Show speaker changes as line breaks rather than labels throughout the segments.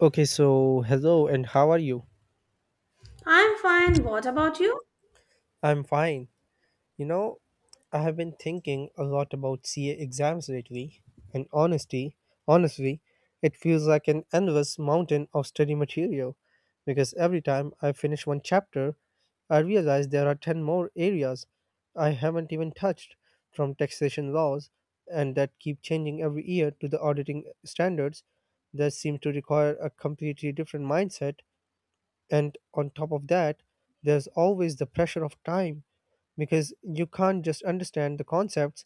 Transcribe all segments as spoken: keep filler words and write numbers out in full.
Okay, so hello and how are you?
I'm fine. What about you?
I'm fine. You know, I have been thinking a lot about C A exams lately, and honesty, honestly, it feels like an endless mountain of study material because every time I finish one chapter, I realize there are ten more areas I haven't even touched from taxation laws and that keep changing every year to the auditing standards that seem to require a completely different mindset. And on top of that, there's always the pressure of time because you can't just understand the concepts,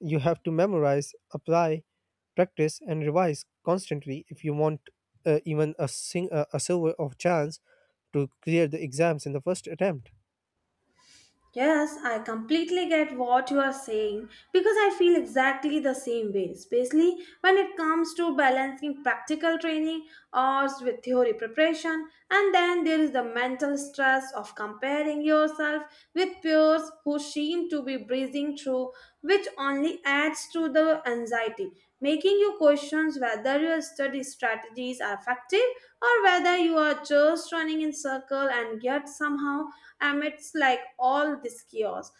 you have to memorize, apply, practice, and revise constantly if you want uh, even a, sing- a, a silver of chance to clear the exams in the first attempt.
Yes, I completely get what you are saying because I feel exactly the same way, especially when it comes to balancing practical training or with theory preparation. And then there is the mental stress of comparing yourself with peers who seem to be breezing through, which only adds to the anxiety, making you question whether your study strategies are effective or whether you are just running in circle and yet somehow amidst like all this chaos.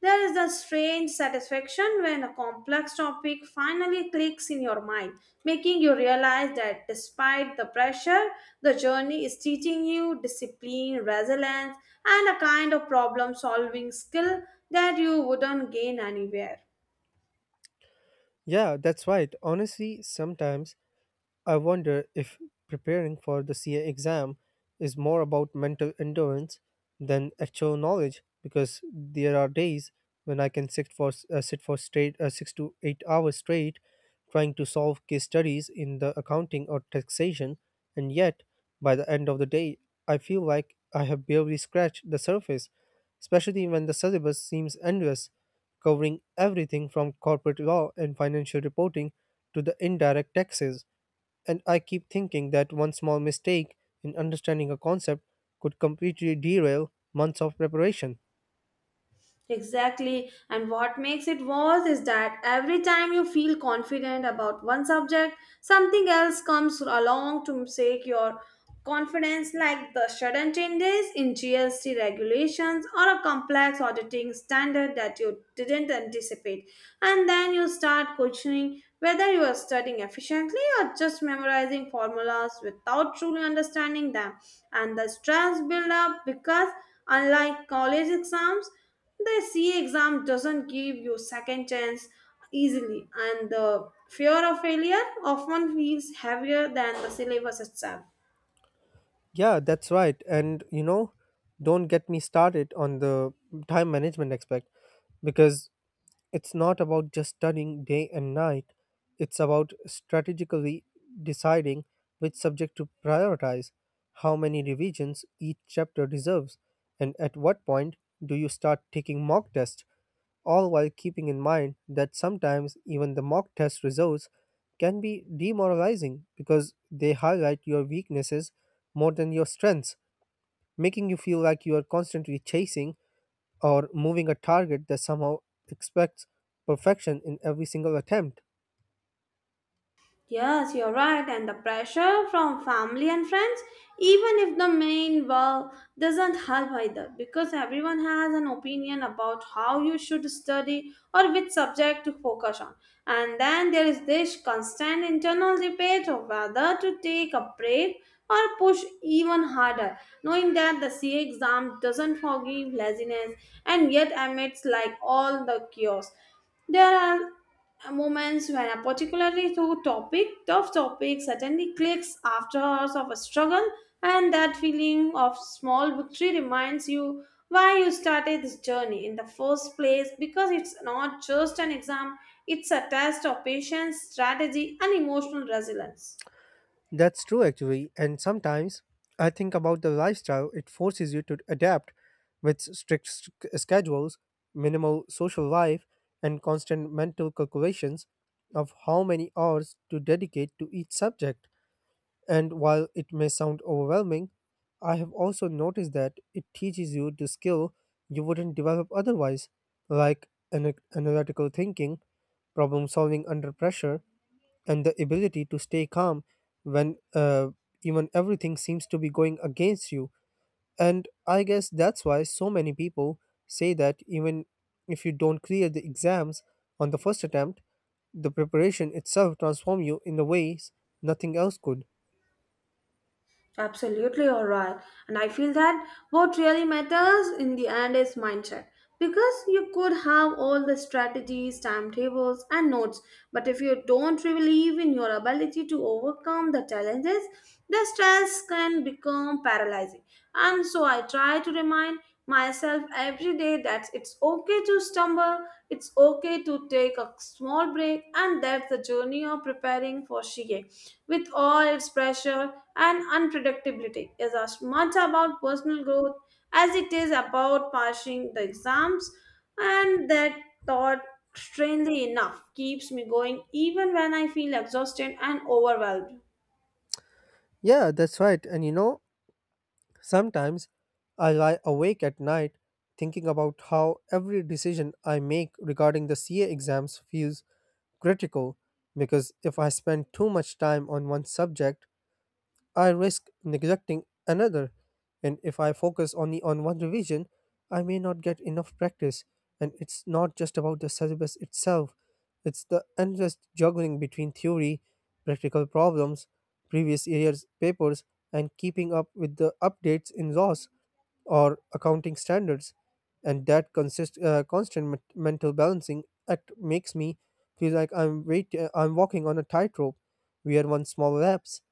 There is a strange satisfaction when a complex topic finally clicks in your mind, making you realize that despite the pressure, the journey is teaching you discipline, resilience, and a kind of problem solving skill that you wouldn't gain anywhere.
Yeah, that's right. Honestly, sometimes I wonder if preparing for the C A exam is more about mental endurance than actual knowledge because there are days when I can sit for s- uh, sit for straight uh, six to eight hours straight trying to solve case studies in the accounting or taxation, and yet by the end of the day I feel like I have barely scratched the surface, especially when the syllabus seems endless, covering everything from corporate law and financial reporting to the indirect taxes. And I keep thinking that one small mistake in understanding a concept could completely derail months of preparation.
Exactly. And what makes it worse is that every time you feel confident about one subject, something else comes along to shake your confidence, like the sudden changes in G S T regulations or a complex auditing standard that you didn't anticipate, and then you start questioning whether you are studying efficiently or just memorizing formulas without truly understanding them. And the stress build up because unlike college exams, the C A exam doesn't give you second chance easily, and the fear of failure often feels heavier than the syllabus itself.
Yeah, that's right. And you know, don't get me started on the time management aspect, because it's not about just studying day and night, it's about strategically deciding which subject to prioritize, how many revisions each chapter deserves, and at what point do you start taking mock tests, all while keeping in mind that sometimes even the mock test results can be demoralizing because they highlight your weaknesses more than your strengths, making you feel like you are constantly chasing or moving a target that somehow expects perfection in every single attempt.
Yes, you're right, and the pressure from family and friends, even if the main well doesn't help either, because everyone has an opinion about how you should study or which subject to focus on. And then there is this constant internal debate of whether to take a break or push even harder, knowing that the C A exam doesn't forgive laziness and yet admits like all the chaos. There are moments when a particularly to- topic, tough topic suddenly clicks after hours of a struggle, and that feeling of small victory reminds you why you started this journey in the first place because it's not just an exam, it's a test of patience, strategy, and emotional resilience.
That's true, actually. And sometimes I think about the lifestyle it forces you to adapt with strict s- schedules, minimal social life, and constant mental calculations of how many hours to dedicate to each subject. And while it may sound overwhelming, I have also noticed that it teaches you the skill you wouldn't develop otherwise, like ana- analytical thinking, problem solving under pressure, and the ability to stay calm when uh, even everything seems to be going against you. And I guess that's why so many people say that even if you don't clear the exams on the first attempt, the preparation itself transforms you in the ways nothing else could.
Absolutely, all right. And I feel that what really matters in the end is mindset. Because you could have all the strategies, timetables, and notes, but if you don't believe in your ability to overcome the challenges, the stress can become paralyzing. And so I try to remind myself every day that it's okay to stumble, it's okay to take a small break, and that's the journey of preparing for Shige with all its pressure and unpredictability is as much about personal growth as it is about passing the exams, and that thought, strangely enough, keeps me going even when I feel exhausted and overwhelmed.
Yeah, that's right. And you know, sometimes I lie awake at night thinking about how every decision I make regarding the C A exams feels critical, because if I spend too much time on one subject, I risk neglecting another. And if I focus only on one revision, I may not get enough practice. And it's not just about the syllabus itself, it's the endless juggling between theory, practical problems, previous year's papers, and keeping up with the updates in laws or accounting standards, and that consist, uh, constant men- mental balancing act makes me feel like I'm wait, uh, I'm walking on a tightrope, where one small lapse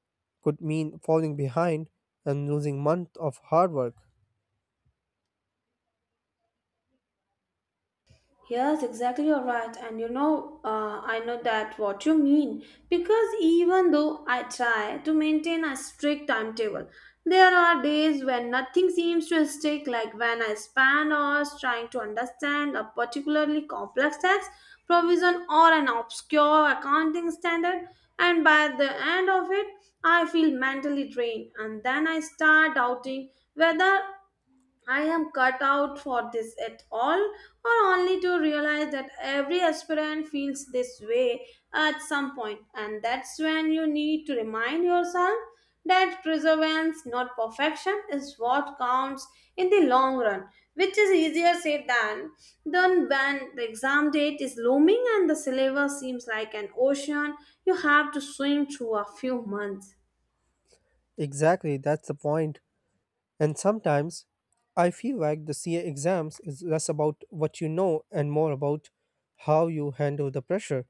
could mean falling behind and losing month of hard work.
Yes, exactly, you're right. And you know, uh, I know that what you mean. Because even though I try to maintain a strict timetable, there are days when nothing seems to stick, like when I spend hours trying to understand a particularly complex tax provision or an obscure accounting standard, and by the end of it, I feel mentally drained, and then I start doubting whether I am cut out for this at all, or only to realize that every aspirant feels this way at some point, and that's when you need to remind yourself that perseverance, not perfection, is what counts in the long run, which is easier said than done when the exam date is looming and the syllabus seems like an ocean you have to swim through a few months.
Exactly, that's the point. And sometimes I feel like the C A exams is less about what you know and more about how you handle the pressure,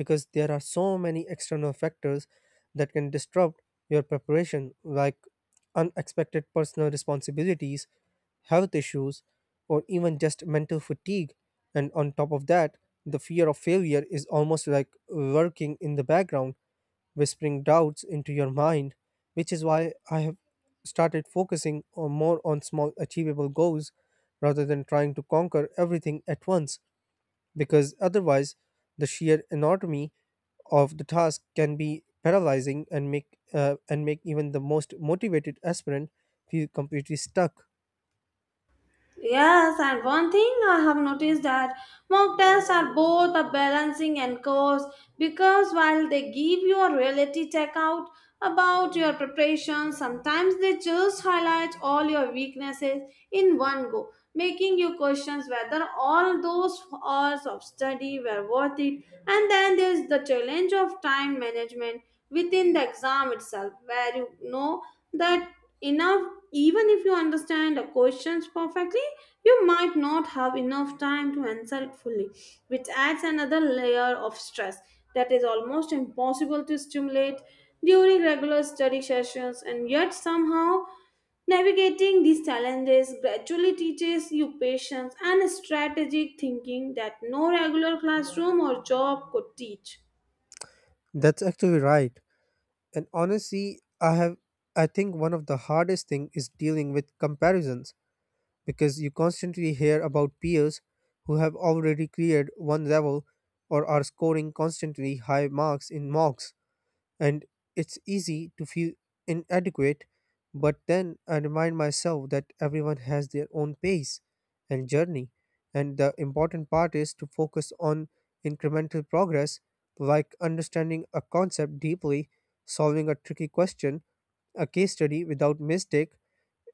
because there are so many external factors that can disrupt your preparation, like unexpected personal responsibilities, health issues, or even just mental fatigue. And on top of that, the fear of failure is almost like lurking in the background, whispering doubts into your mind, which is why I have started focusing on more on small achievable goals rather than trying to conquer everything at once, because otherwise, the sheer anatomy of the task can be paralyzing and make uh, and make even the most motivated aspirant feel completely stuck.
Yes, and one thing I have noticed that mock tests are both a balancing and course because while they give you a reality checkout about your preparation, sometimes they just highlight all your weaknesses in one go, making you question whether all those hours of study were worth it. And then there's the challenge of time management within the exam itself, where you know that enough even if you understand the questions perfectly, you might not have enough time to answer it fully, which adds another layer of stress that is almost impossible to stimulate during regular study sessions. And yet somehow navigating these challenges gradually teaches you patience and strategic thinking that no regular classroom or job could teach.
That's actually right. And honestly, I have I think one of the hardest thing is dealing with comparisons, because you constantly hear about peers who have already cleared one level or are scoring constantly high marks in mocks. And it's easy to feel inadequate, but then I remind myself that everyone has their own pace and journey. And the important part is to focus on incremental progress, like understanding a concept deeply, solving a tricky question, a case study without mistake,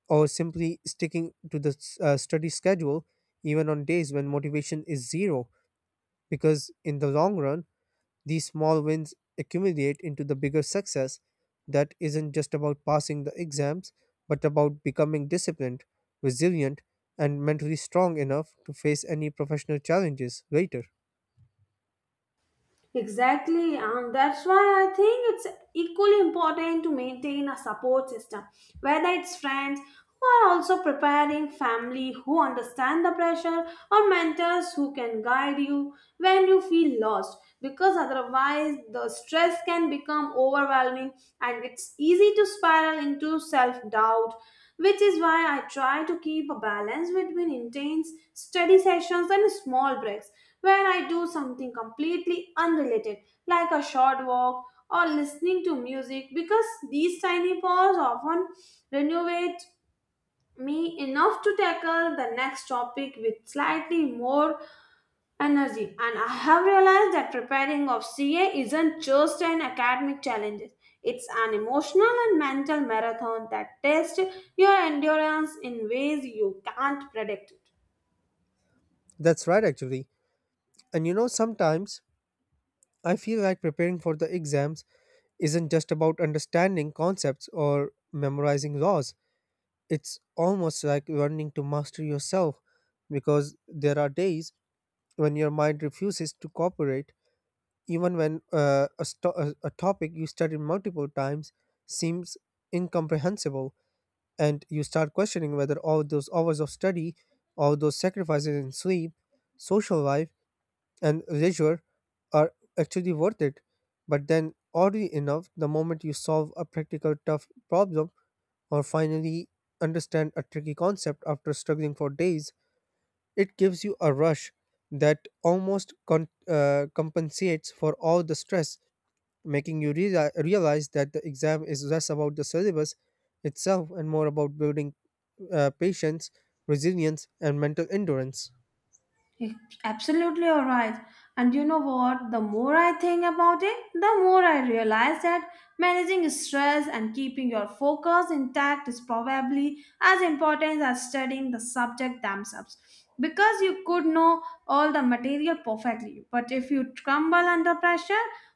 or simply sticking to the uh, study schedule even on days when motivation is zero. Because in the long run, these small wins accumulate into the bigger success that isn't just about passing the exams, but about becoming disciplined, resilient, and mentally strong enough to face any professional challenges later.
Exactly, and that's why I think it's equally important to maintain a support system, whether it's friends who are also preparing, family who understand the pressure, or mentors who can guide you when you feel lost. Because otherwise, the stress can become overwhelming and it's easy to spiral into self doubt. Which is why I try to keep a balance between intense study sessions and small breaks where I do something completely unrelated, like a short walk or listening to music, because these tiny pauses often renovate me enough to tackle the next topic with slightly more energy. And I have realized that preparing of C A isn't just an academic challenge. It's an emotional and mental marathon that tests your endurance in ways you can't predict.
That's right, actually. And you know, sometimes I feel like preparing for the exams isn't just about understanding concepts or memorizing laws. It's almost like learning to master yourself because there are days when your mind refuses to cooperate, even when uh, a, sto- a a topic you studied multiple times seems incomprehensible, and you start questioning whether all those hours of study, all those sacrifices in sleep, social life, and leisure are actually worth it. But then, oddly enough, the moment you solve a practical tough problem or finally understand a tricky concept after struggling for days, it gives you a rush that almost con- uh, compensates for all the stress, making you rea- realize that the exam is less about the syllabus itself and more about building uh, patience, resilience, and mental endurance.
Absolutely alright. And you know what? The more I think about it, the more I realize that managing stress and keeping your focus intact is probably as important as studying the subject themselves. Because you could know all the material perfectly, but if you crumble under pressure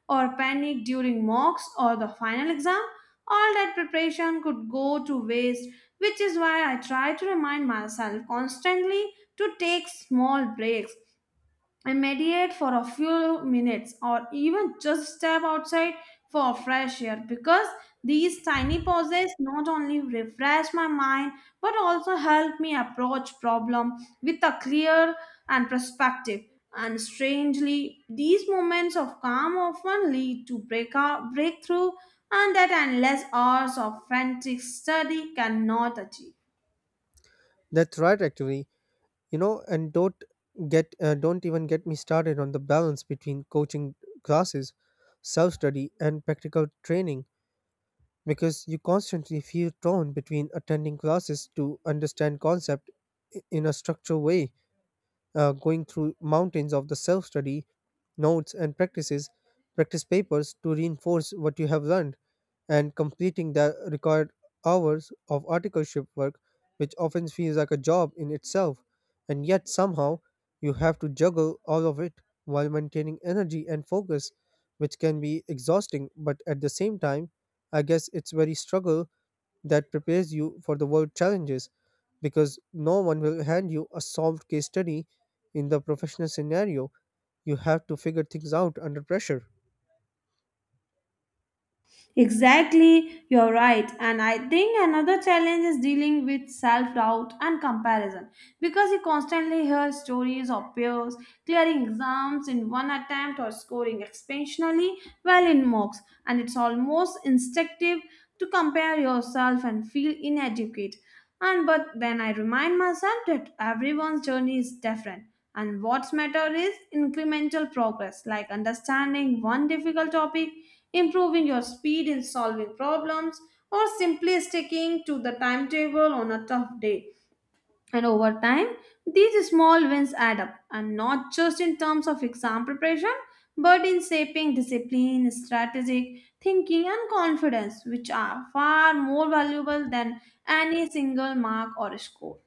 or panic during mocks or the final exam, all that preparation could go to waste, which is why I try to remind myself constantly to take small breaks and meditate for a few minutes or even just step outside for fresh air because these tiny pauses not only refresh my mind but also help me approach problem with a clear and perspective, and strangely these moments of calm often lead to breakout breakthrough and that endless hours of frantic study cannot achieve.
That's right, actually. You know, and don't get uh, don't even get me started on the balance between coaching classes, self study, and practical training, because you constantly feel torn between attending classes to understand concept i- in a structured way, uh, going through mountains of the self-study notes and practices, practice papers to reinforce what you have learned, and completing the required hours of articleship work, which often feels like a job in itself, and yet somehow you have to juggle all of it while maintaining energy and focus, which can be exhausting, but at the same time I guess it's very struggle that prepares you for the world challenges, because no one will hand you a solved case study in the professional scenario. You have to figure things out under pressure.
Exactly, you're right. And I think another challenge is dealing with self doubt and comparison because you constantly hear stories of peers clearing exams in one attempt or scoring exceptionally well in mocks, and it's almost instinctive to compare yourself and feel inadequate. And but then I remind myself that everyone's journey is different. And what's matter is incremental progress, like understanding one difficult topic, improving your speed in solving problems, or simply sticking to the timetable on a tough day. And over time, these small wins add up, and not just in terms of exam preparation, but in shaping discipline, strategic thinking, and confidence, which are far more valuable than any single mark or score.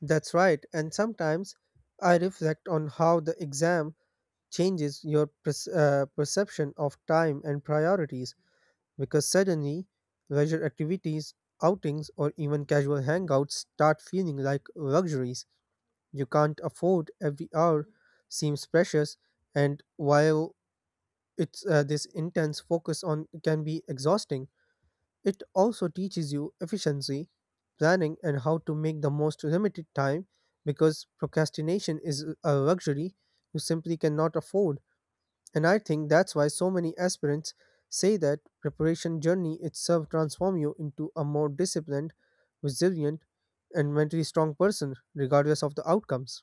That's right. And sometimes I reflect on how the exam changes your perce- uh, perception of time and priorities, because suddenly leisure activities, outings, or even casual hangouts start feeling like luxuries you can't afford. Every hour seems precious, and while it's uh, this intense focus on can be exhausting, it also teaches you efficiency, planning, and how to make the most limited time, because procrastination is a luxury you simply cannot afford. And I think that's why so many aspirants say that preparation journey itself transform you into a more disciplined, resilient, and mentally strong person, regardless of the outcomes.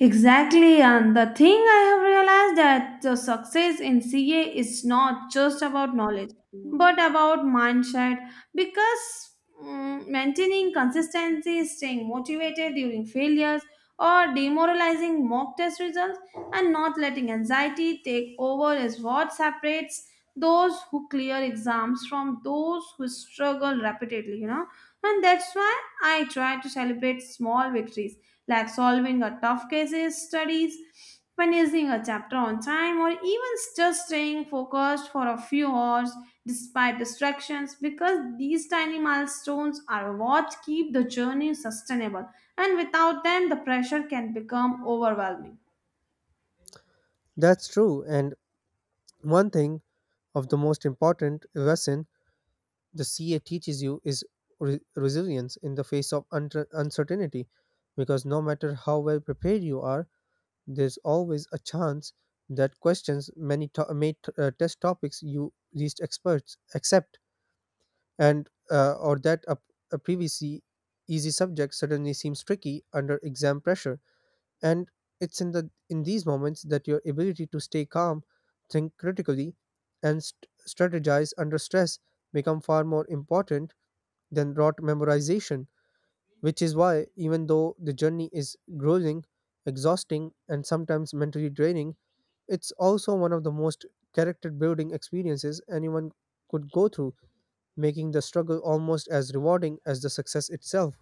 Exactly, and the thing I have realized that the success in C A is not just about knowledge, but about mindset. Because mm, maintaining consistency, staying motivated during failures, or demoralizing mock test results, and not letting anxiety take over is what separates those who clear exams from those who struggle repeatedly. You know, and that's why I try to celebrate small victories like solving a tough cases, studies, finishing a chapter on time, or even just staying focused for a few hours despite distractions because these tiny milestones are what keep the journey sustainable and without them the pressure can become overwhelming.
That's true. And one thing of the most important lesson the C A teaches you is re- resilience in the face of unter- uncertainty, because no matter how well prepared you are, there's always a chance that questions many to- may t- uh, test topics you least experts accept, and uh, or that a, a previously easy subject suddenly seems tricky under exam pressure. And it's in the in these moments that your ability to stay calm, think critically, and st- strategize under stress become far more important than rote memorization, which is why even though the journey is grueling, exhausting, and sometimes mentally draining, it's also one of the most character building experiences anyone could go through, making the struggle almost as rewarding as the success itself.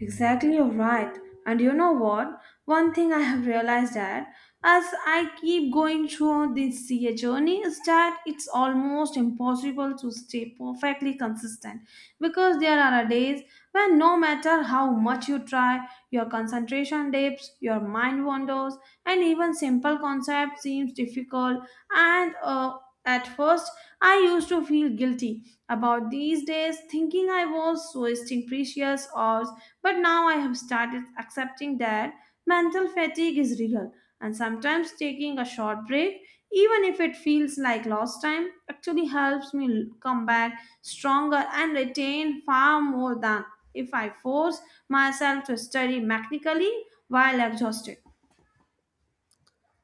Exactly, you're right. And you know what? One thing I have realized that as I keep going through this C A journey is that it's almost impossible to stay perfectly consistent because there are days when no matter how much you try, your concentration dips, your mind wanders, and even simple concepts seems difficult. And uh, At first, I used to feel guilty about these days, thinking I was wasting precious hours, but now I have started accepting that mental fatigue is real, and sometimes taking a short break, even if it feels like lost time, actually helps me l- come back stronger and retain far more than if I force myself to study mechanically while exhausted.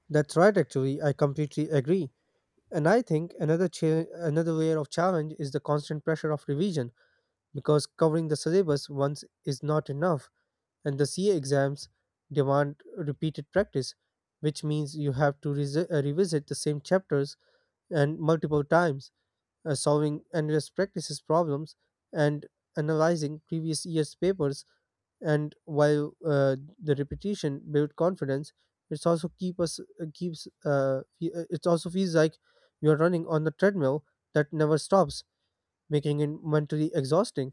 That's right actually, I completely agree. And I think another cha- another layer of challenge is the constant pressure of revision, because covering the syllabus once is not enough and the C A exams demand repeated practice, which means you have to resi- uh, revisit the same chapters and multiple times, uh, solving endless practices problems and analyzing previous year's papers. And while uh, the repetition build confidence, it's also keep us uh, keeps uh, fe- uh, it also feels like you're running on the treadmill that never stops, making it mentally exhausting.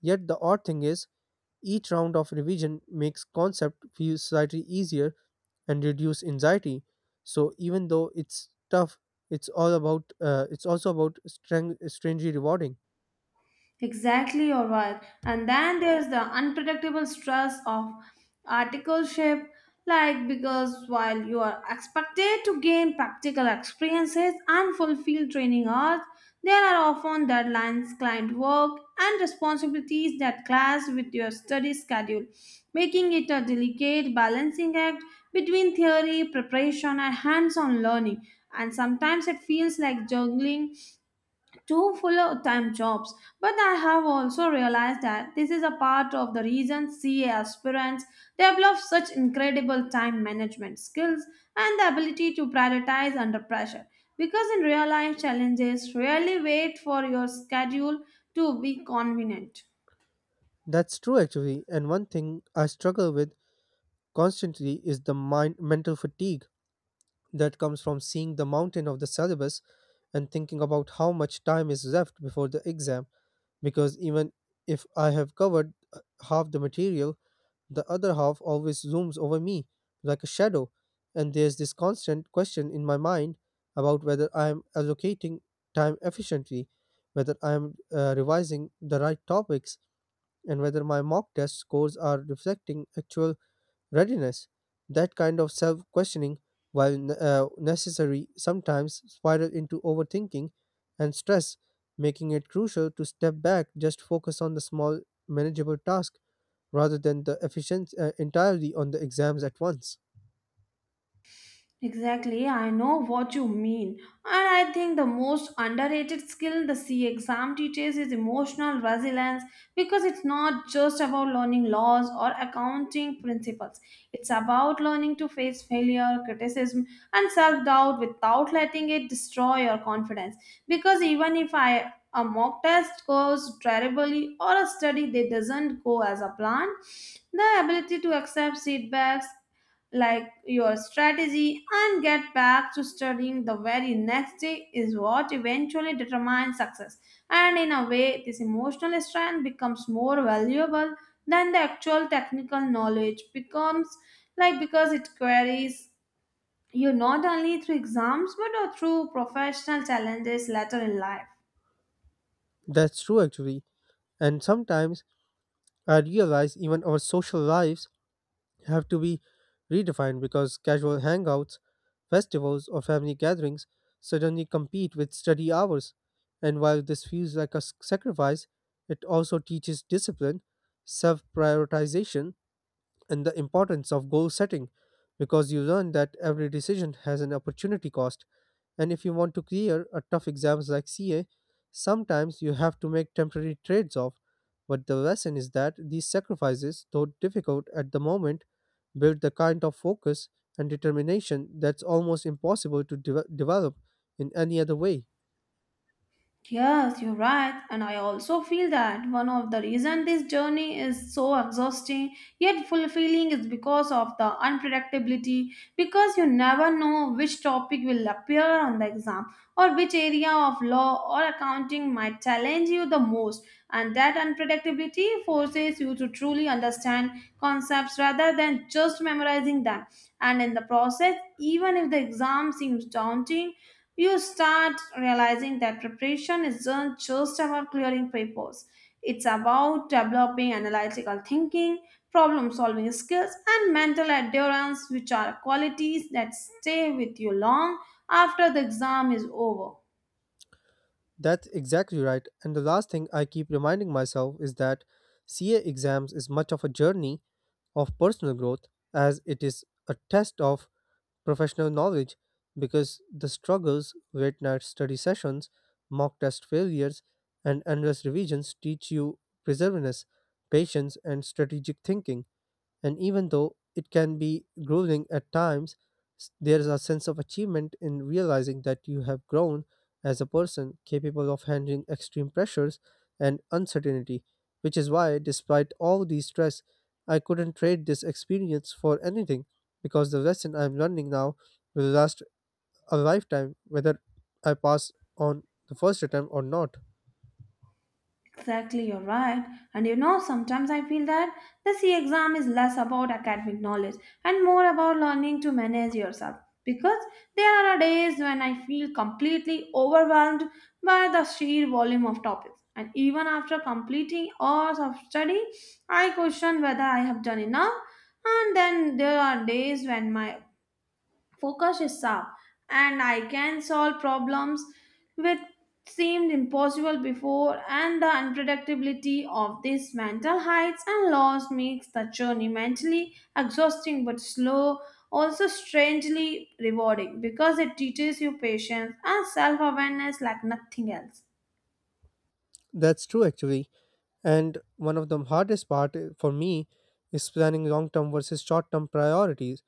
Yet the odd thing is each round of revision makes concept feel slightly easier and reduce anxiety, so even though it's tough, it's all about uh, it's also about strang- strangely rewarding.
Exactly, you're right. And then there's the unpredictable stress of articleship, like because while you are expected to gain practical experiences and fulfill training hours, there are often deadlines, client work, and responsibilities that clash with your study schedule, making it a delicate balancing act between theory, preparation, and hands on learning. And sometimes it feels like juggling two full-time jobs. But I have also realized that this is a part of the reason C A aspirants develop such incredible time management skills and the ability to prioritize under pressure. Because in real life challenges, rarely wait for your schedule to be convenient.
That's true actually, and one thing I struggle with constantly is the mind mental fatigue that comes from seeing the mountain of the syllabus and thinking about how much time is left before the exam, because even if I have covered uh, half the material, the other half always zooms over me like a shadow. And there's this constant question in my mind about whether I am allocating time efficiently, whether I am uh, revising the right topics, and whether my mock test scores are reflecting actual readiness. That kind of self questioning, while ne- uh, necessary, sometimes spiral into overthinking and stress, making it crucial to step back, just focus on the small, manageable task rather than the efficiency uh, entirely on the exams at once.
Exactly, I know what you mean. And I think the most underrated skill the C exam teaches is emotional resilience because it's not just about learning laws or accounting principles. It's about learning to face failure, criticism, and self doubt without letting it destroy your confidence. Because even if I a mock test goes terribly or a study that doesn't go as a plan, the ability to accept feedbacks like your strategy and get back to studying the very next day is what eventually determines success. And in a way, this emotional strength becomes more valuable than the actual technical knowledge becomes like because it carries you not only through exams but also through professional challenges later in life.
That's true, actually. And sometimes I realize even our social lives have to be redefined because casual hangouts, festivals, or family gatherings suddenly compete with study hours. And while this feels like a s- sacrifice, it also teaches discipline, self prioritization, and the importance of goal setting because you learn that every decision has an opportunity cost and if you want to clear a tough exams like C A, sometimes you have to make temporary trades off. But the lesson is that these sacrifices, though difficult at the moment, build the kind of focus and determination that's almost impossible to de- develop in any other way.
Yes, you're right. And I also feel that one of the reason this journey is so exhausting yet fulfilling is because of the unpredictability, because you never know which topic will appear on the exam or which area of law or accounting might challenge you the most. And that unpredictability forces you to truly understand concepts rather than just memorizing them. And in the process, even if the exam seems daunting, you start realizing that preparation isn't just about clearing papers. It's about developing analytical thinking, problem solving skills, and mental endurance, which are qualities that stay with you long after the exam is over.
That's exactly right. And the last thing I keep reminding myself is that C A exams is much of a journey of personal growth as it is a test of professional knowledge because the struggles, late night study sessions, mock test failures, and endless revisions teach you perseverance, patience, and strategic thinking. And even though it can be grueling at times, s- there's a sense of achievement in realizing that you have grown as a person capable of handling extreme pressures and uncertainty, which is why, despite all the stress, I couldn't trade this experience for anything because the lesson I'm learning now will last a lifetime, whether I pass on the first attempt or not.
Exactly, you're right. And you know, sometimes I feel that the C exam is less about academic knowledge and more about learning to manage yourself. Because there are days when I feel completely overwhelmed by the sheer volume of topics. And even after completing hours of study, I question whether I have done enough. And then there are days when my focus is sharp and I can solve problems which seemed impossible before, and the unpredictability of these mental heights and loss makes the journey mentally exhausting but slow also strangely rewarding because it teaches you patience and self-awareness like nothing else.
That's true, actually. And one of the hardest part uh, for me is planning long term versus short term priorities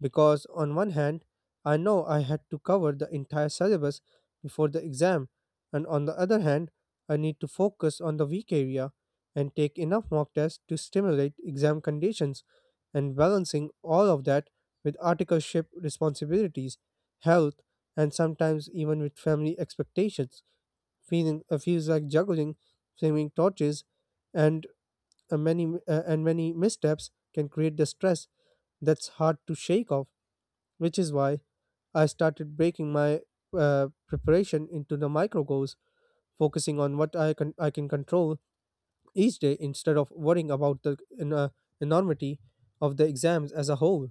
because on one hand, I know I had to cover the entire syllabus before the exam, and on the other hand, I need to focus on the weak area and take enough mock tests to stimulate exam conditions and balancing all of that with articleship responsibilities, health, and sometimes even with family expectations feeling uh, feels like juggling flaming torches and uh, many uh, and many missteps can create the stress that's hard to shake off which is why I started breaking my uh, preparation into the micro goals focusing on what i can i can control each day instead of worrying about the en- uh, enormity of the exams as a whole.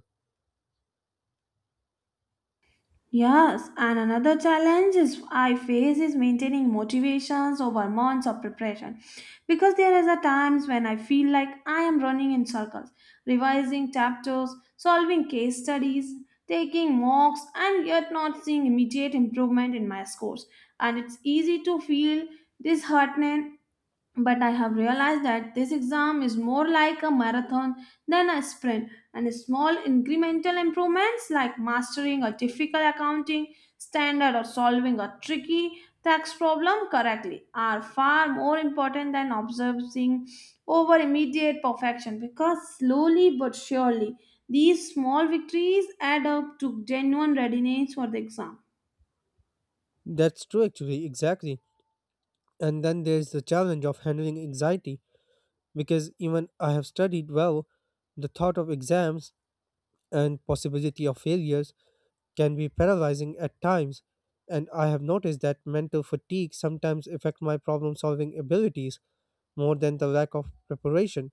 Yes, and another challenge is I face is maintaining motivations over months of preparation because there is a times when I feel like I am running in circles, revising chapters, solving case studies, taking mocks and yet not seeing immediate improvement in my scores, and it's easy to feel disheartened, but I have realized that this exam is more like a marathon than a sprint, and small incremental improvements like mastering a difficult accounting standard or solving a tricky tax problem correctly are far more important than obsessing over immediate perfection because slowly but surely these small victories add up to genuine readiness for the exam.
That's true, actually, exactly. And then there's the challenge of handling anxiety because even I have studied well the thought of exams and possibility of failures can be paralyzing at times and I have noticed that mental fatigue sometimes affect my problem solving abilities more than the lack of preparation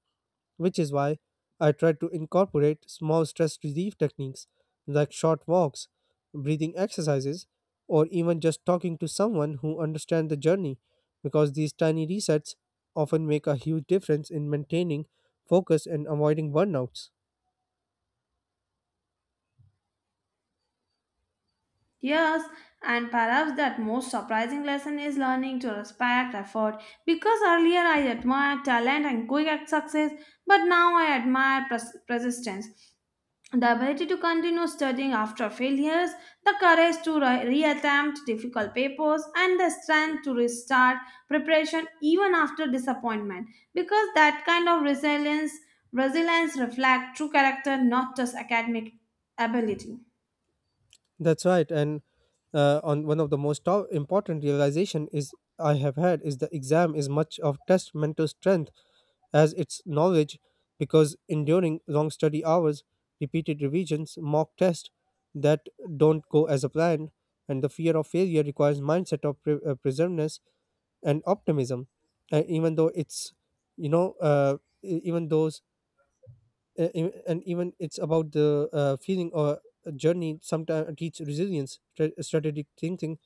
which is why I try to incorporate small stress relief techniques like short walks, breathing exercises, or even just talking to someone who understands the journey because these tiny resets often make a huge difference in maintaining focus and avoiding burnouts.
Yes, and perhaps that most surprising lesson is learning to respect effort. Because earlier I admired talent and quick success, but now I admire pers- persistence. The ability to continue studying after failures, the courage to re- reattempt difficult papers, and the strength to restart preparation even after disappointment. Because that kind of resilience, resilience reflects true character, not just academic ability.
That's right. And uh, on one of the most to- important realization is I have had is the exam is much of test mental strength as its knowledge, because enduring long study hours, repeated revisions, mock tests that don't go as a plan, and the fear of failure requires mindset of pre- uh, preservedness and optimism. And even though it's you know uh, e- even those uh, e- and even it's about the uh, feeling or journey sometimes teach resilience stra- strategic thinking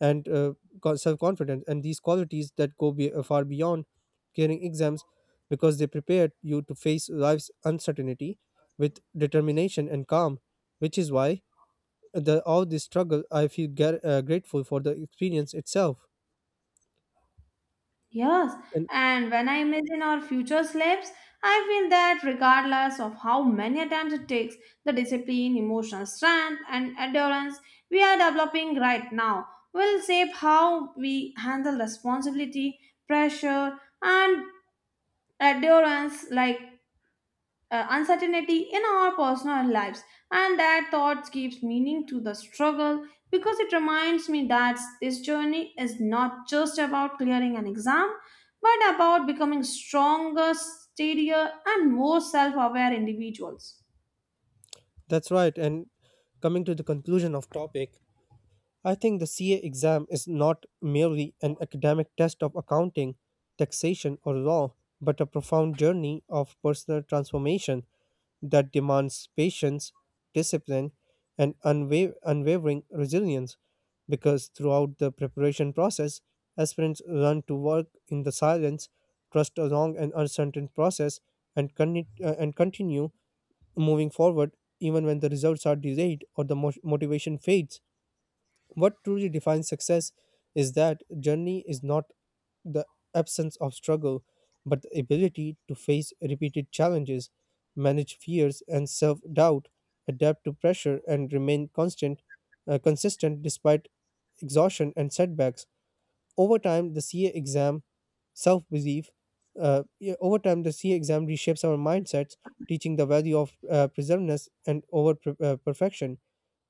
and uh, co- self-confidence and these qualities that go be, uh, far beyond clearing exams because they prepare you to face life's uncertainty with determination and calm which is why the all this struggle I feel gar- uh, grateful for the experience itself.
Yes,
And
and when I imagine our future slaves, I feel that regardless of how many attempts it takes, the discipline, emotional strength, and endurance we are developing right now will shape how we handle responsibility, pressure, and endurance like uh, uncertainty in our personal lives, and that thought gives meaning to the struggle because it reminds me that this journey is not just about clearing an exam but about becoming stronger, steadier, and more self-aware individuals.
that's right. And coming to the conclusion of topic, I think the C A exam is not merely an academic test of accounting, taxation, or law, but a profound journey of personal transformation that demands patience, discipline, and unwa- unwavering resilience. Because throughout the preparation process, aspirants learn to work in the silence, trust a long and uncertain process, and con- uh, and continue moving forward even when the results are delayed or the mo- motivation fades. What truly defines success is that journey is not the absence of struggle, but the ability to face repeated challenges, manage fears and self doubt, adapt to pressure, and remain constant, uh, consistent despite exhaustion and setbacks. Over time, the C A exam self belief. Uh, yeah, Over time, the C A exam reshapes our mindsets, teaching the value of uh, preservedness and over pre- uh, perfection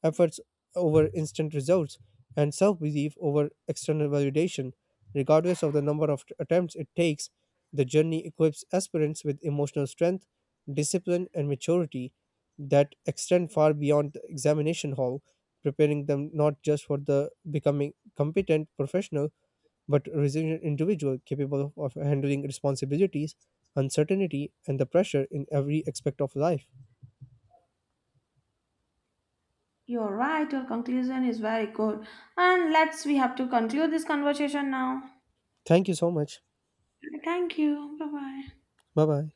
efforts over instant results, and self belief over external validation. Regardless of the number of t- attempts it takes, the journey equips aspirants with emotional strength, discipline, and maturity that extend far beyond the examination hall, preparing them not just for the becoming competent professional but resilient individual capable of, of handling responsibilities, uncertainty, and the pressure in every aspect of life.
You're right, your conclusion is very good. And let's we have to conclude this conversation now.
Thank you so much.
Thank you, bye bye.
Bye bye.